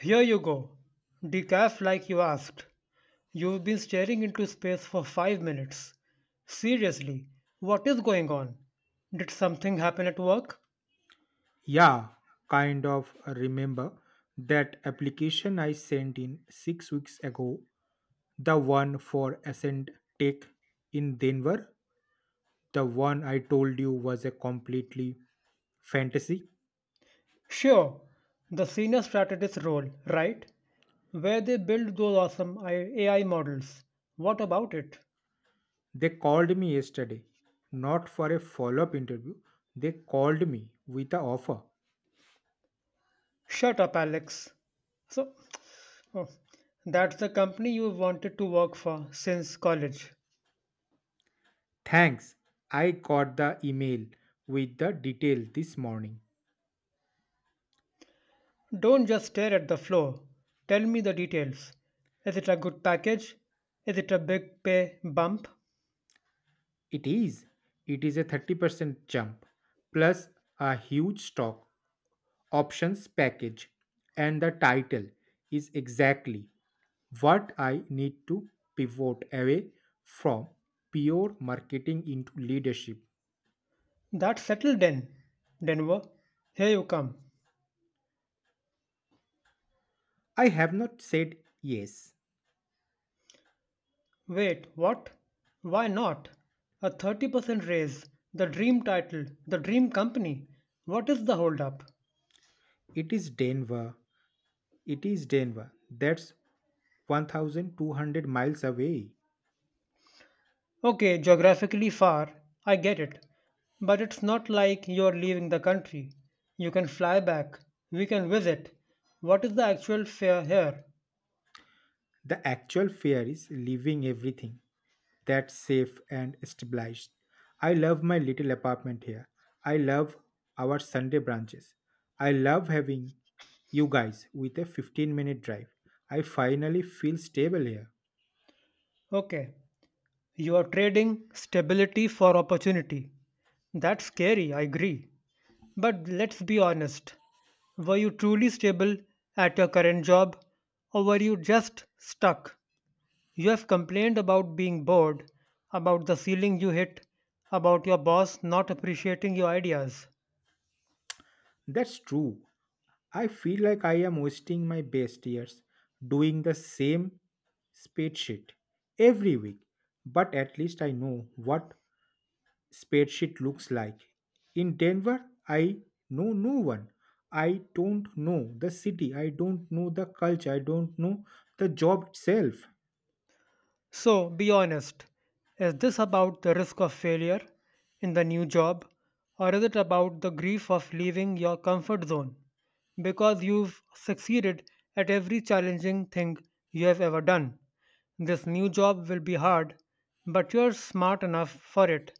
Here you go. Decaf like you asked. You've been staring into space for 5 minutes. Seriously, what is going on? Did something happen at work? Yeah, kind of remember that application I sent in 6 weeks ago, the one for Ascent Tech in Denver, the one I told you was a completely fantasy. Sure, the senior strategist role, right? Where they build those awesome AI models. What about it? They called me yesterday, not for a follow up interview. They called me with an offer. Shut up, Alex. So, oh, that's the company you have wanted to work for since college. Thanks. I got the email with the detail this morning. Don't just stare at the floor. Tell me the details. Is it a good package? Is it a big pay bump? It is. It is a 30% jump, plus a huge stock options package. And the title is exactly what I need to pivot away from pure marketing into leadership. That's settled then. Denver, here you come. I have not said yes. Wait, what? Why not? A 30% raise, the dream title, the dream company. What is the holdup? It is Denver. That's 1,200 miles away. Okay, geographically far, I get it. But it's not like you're leaving the country. You can fly back. We can visit. What is the actual fare here? The actual fear is leaving everything that's safe and stabilized. I love my little apartment here. I love our Sunday branches. I love having you guys with a 15-minute drive. I finally feel stable here. Okay, you are trading stability for opportunity. That's scary, I agree. But let's be honest. Were you truly stable at your current job or were you just stuck? You have complained about being bored, about the ceiling you hit, about your boss not appreciating your ideas. That's true. I feel like I am wasting my best years doing the same spreadsheet every week, but at least I know what spreadsheet looks like. In Denver, I know no one. I don't know the city. I don't know the culture. I don't know the job itself. So, be honest. Is this about the risk of failure in the new job, or is it about the grief of leaving your comfort zone because you've succeeded at every challenging thing you have ever done? This new job will be hard, but you're smart enough for it.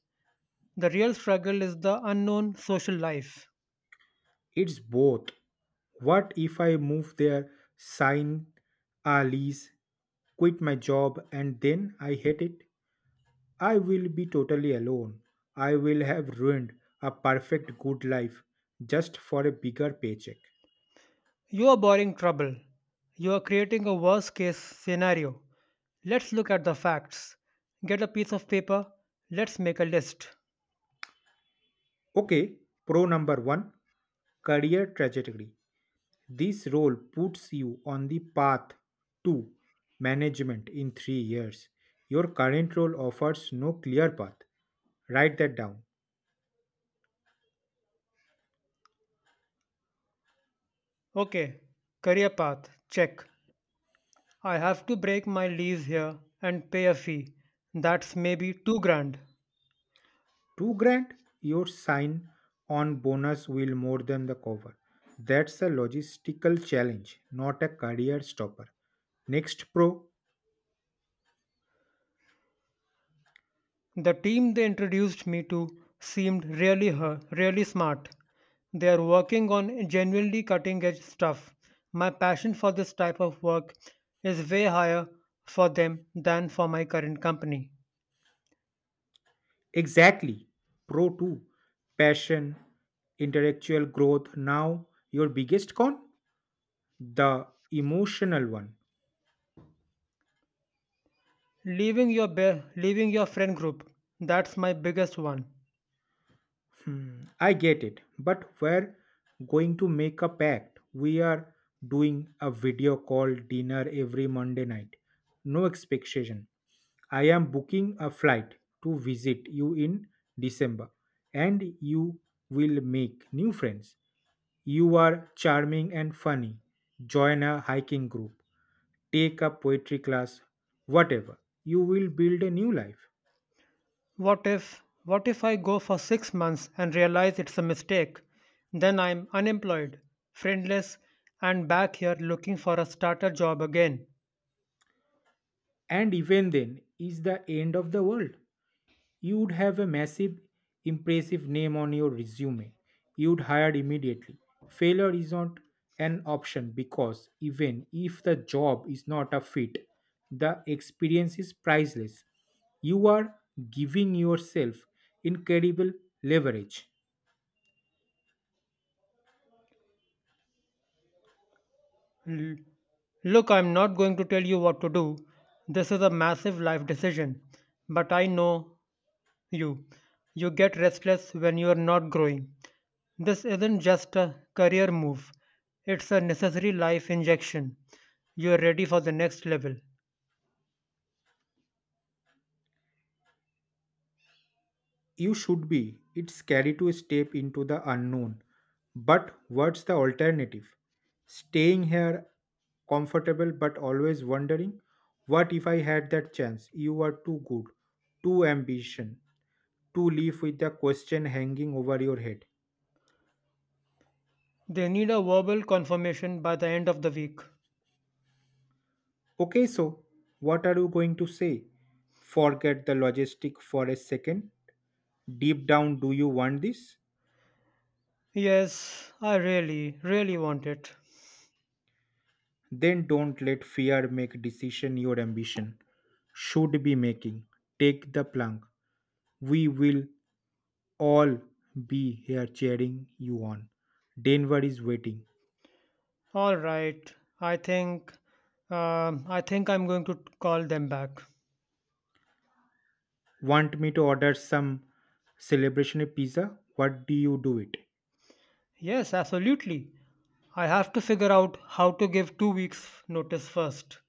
The real struggle is the unknown social life. It's both. What if I move there, sign a lease, quit my job, and then I hate it? I will be totally alone. I will have ruined a perfect good life just for a bigger paycheck. You are borrowing trouble. You are creating a worst case scenario. Let's look at the facts. Get a piece of paper. Let's make a list. Okay, pro number one, career trajectory. This role puts you on the path to management in 3 years. Your current role offers no clear path. Write that down. Okay, career path. Check. I have to break my lease here and pay a fee. That's maybe 2 grand. 2 grand, your sign on bonus will more than the cover. That's a logistical challenge, not a career stopper. Next, pro. The team they introduced me to seemed really smart. They are working on genuinely cutting edge stuff. My passion for this type of work is way higher for them than for my current company. Exactly. Pro 2. Passion, intellectual growth. Now, your biggest con? The emotional one. Leaving your friend group, that's my biggest one. Hmm, I get it, but we're going to make a pact. We are doing a video call dinner every Monday night. No expectation. I am booking a flight to visit you in December, and you will make new friends. You are charming and funny. Join a hiking group, take a poetry class, whatever. You will build a new life. What if I go for 6 months and realize it's a mistake? Then I'm unemployed, friendless and back here looking for a starter job again. And even then, is the end of the world. You'd have a massive, impressive name on your resume. You'd hired immediately. Failure is not an option because even if the job is not a fit, the experience is priceless. You are giving yourself incredible leverage. L- Look, I'm not going to tell you what to do. This is a massive life decision. But I know you. You get restless when you are not growing. This isn't just a career move, it's a necessary life injection. You are ready for the next level. You should be. It's scary to step into the unknown. But what's the alternative? Staying here comfortable but always wondering, what if I had that chance? You are too good, too ambition, to live with the question hanging over your head. They need a verbal confirmation by the end of the week. Okay, so what are you going to say? Forget the logistic for a second. Deep down, do you want this? Yes, I really, really want it. Then don't let fear make decision your ambition should be making. Take the plunge. We will all be here cheering you on. Denver is waiting. All right. I think, I think I'm going to call them back. Want me to order some celebration pizza? What do you do it? Yes, absolutely. I have to figure out how to give 2 weeks' notice first.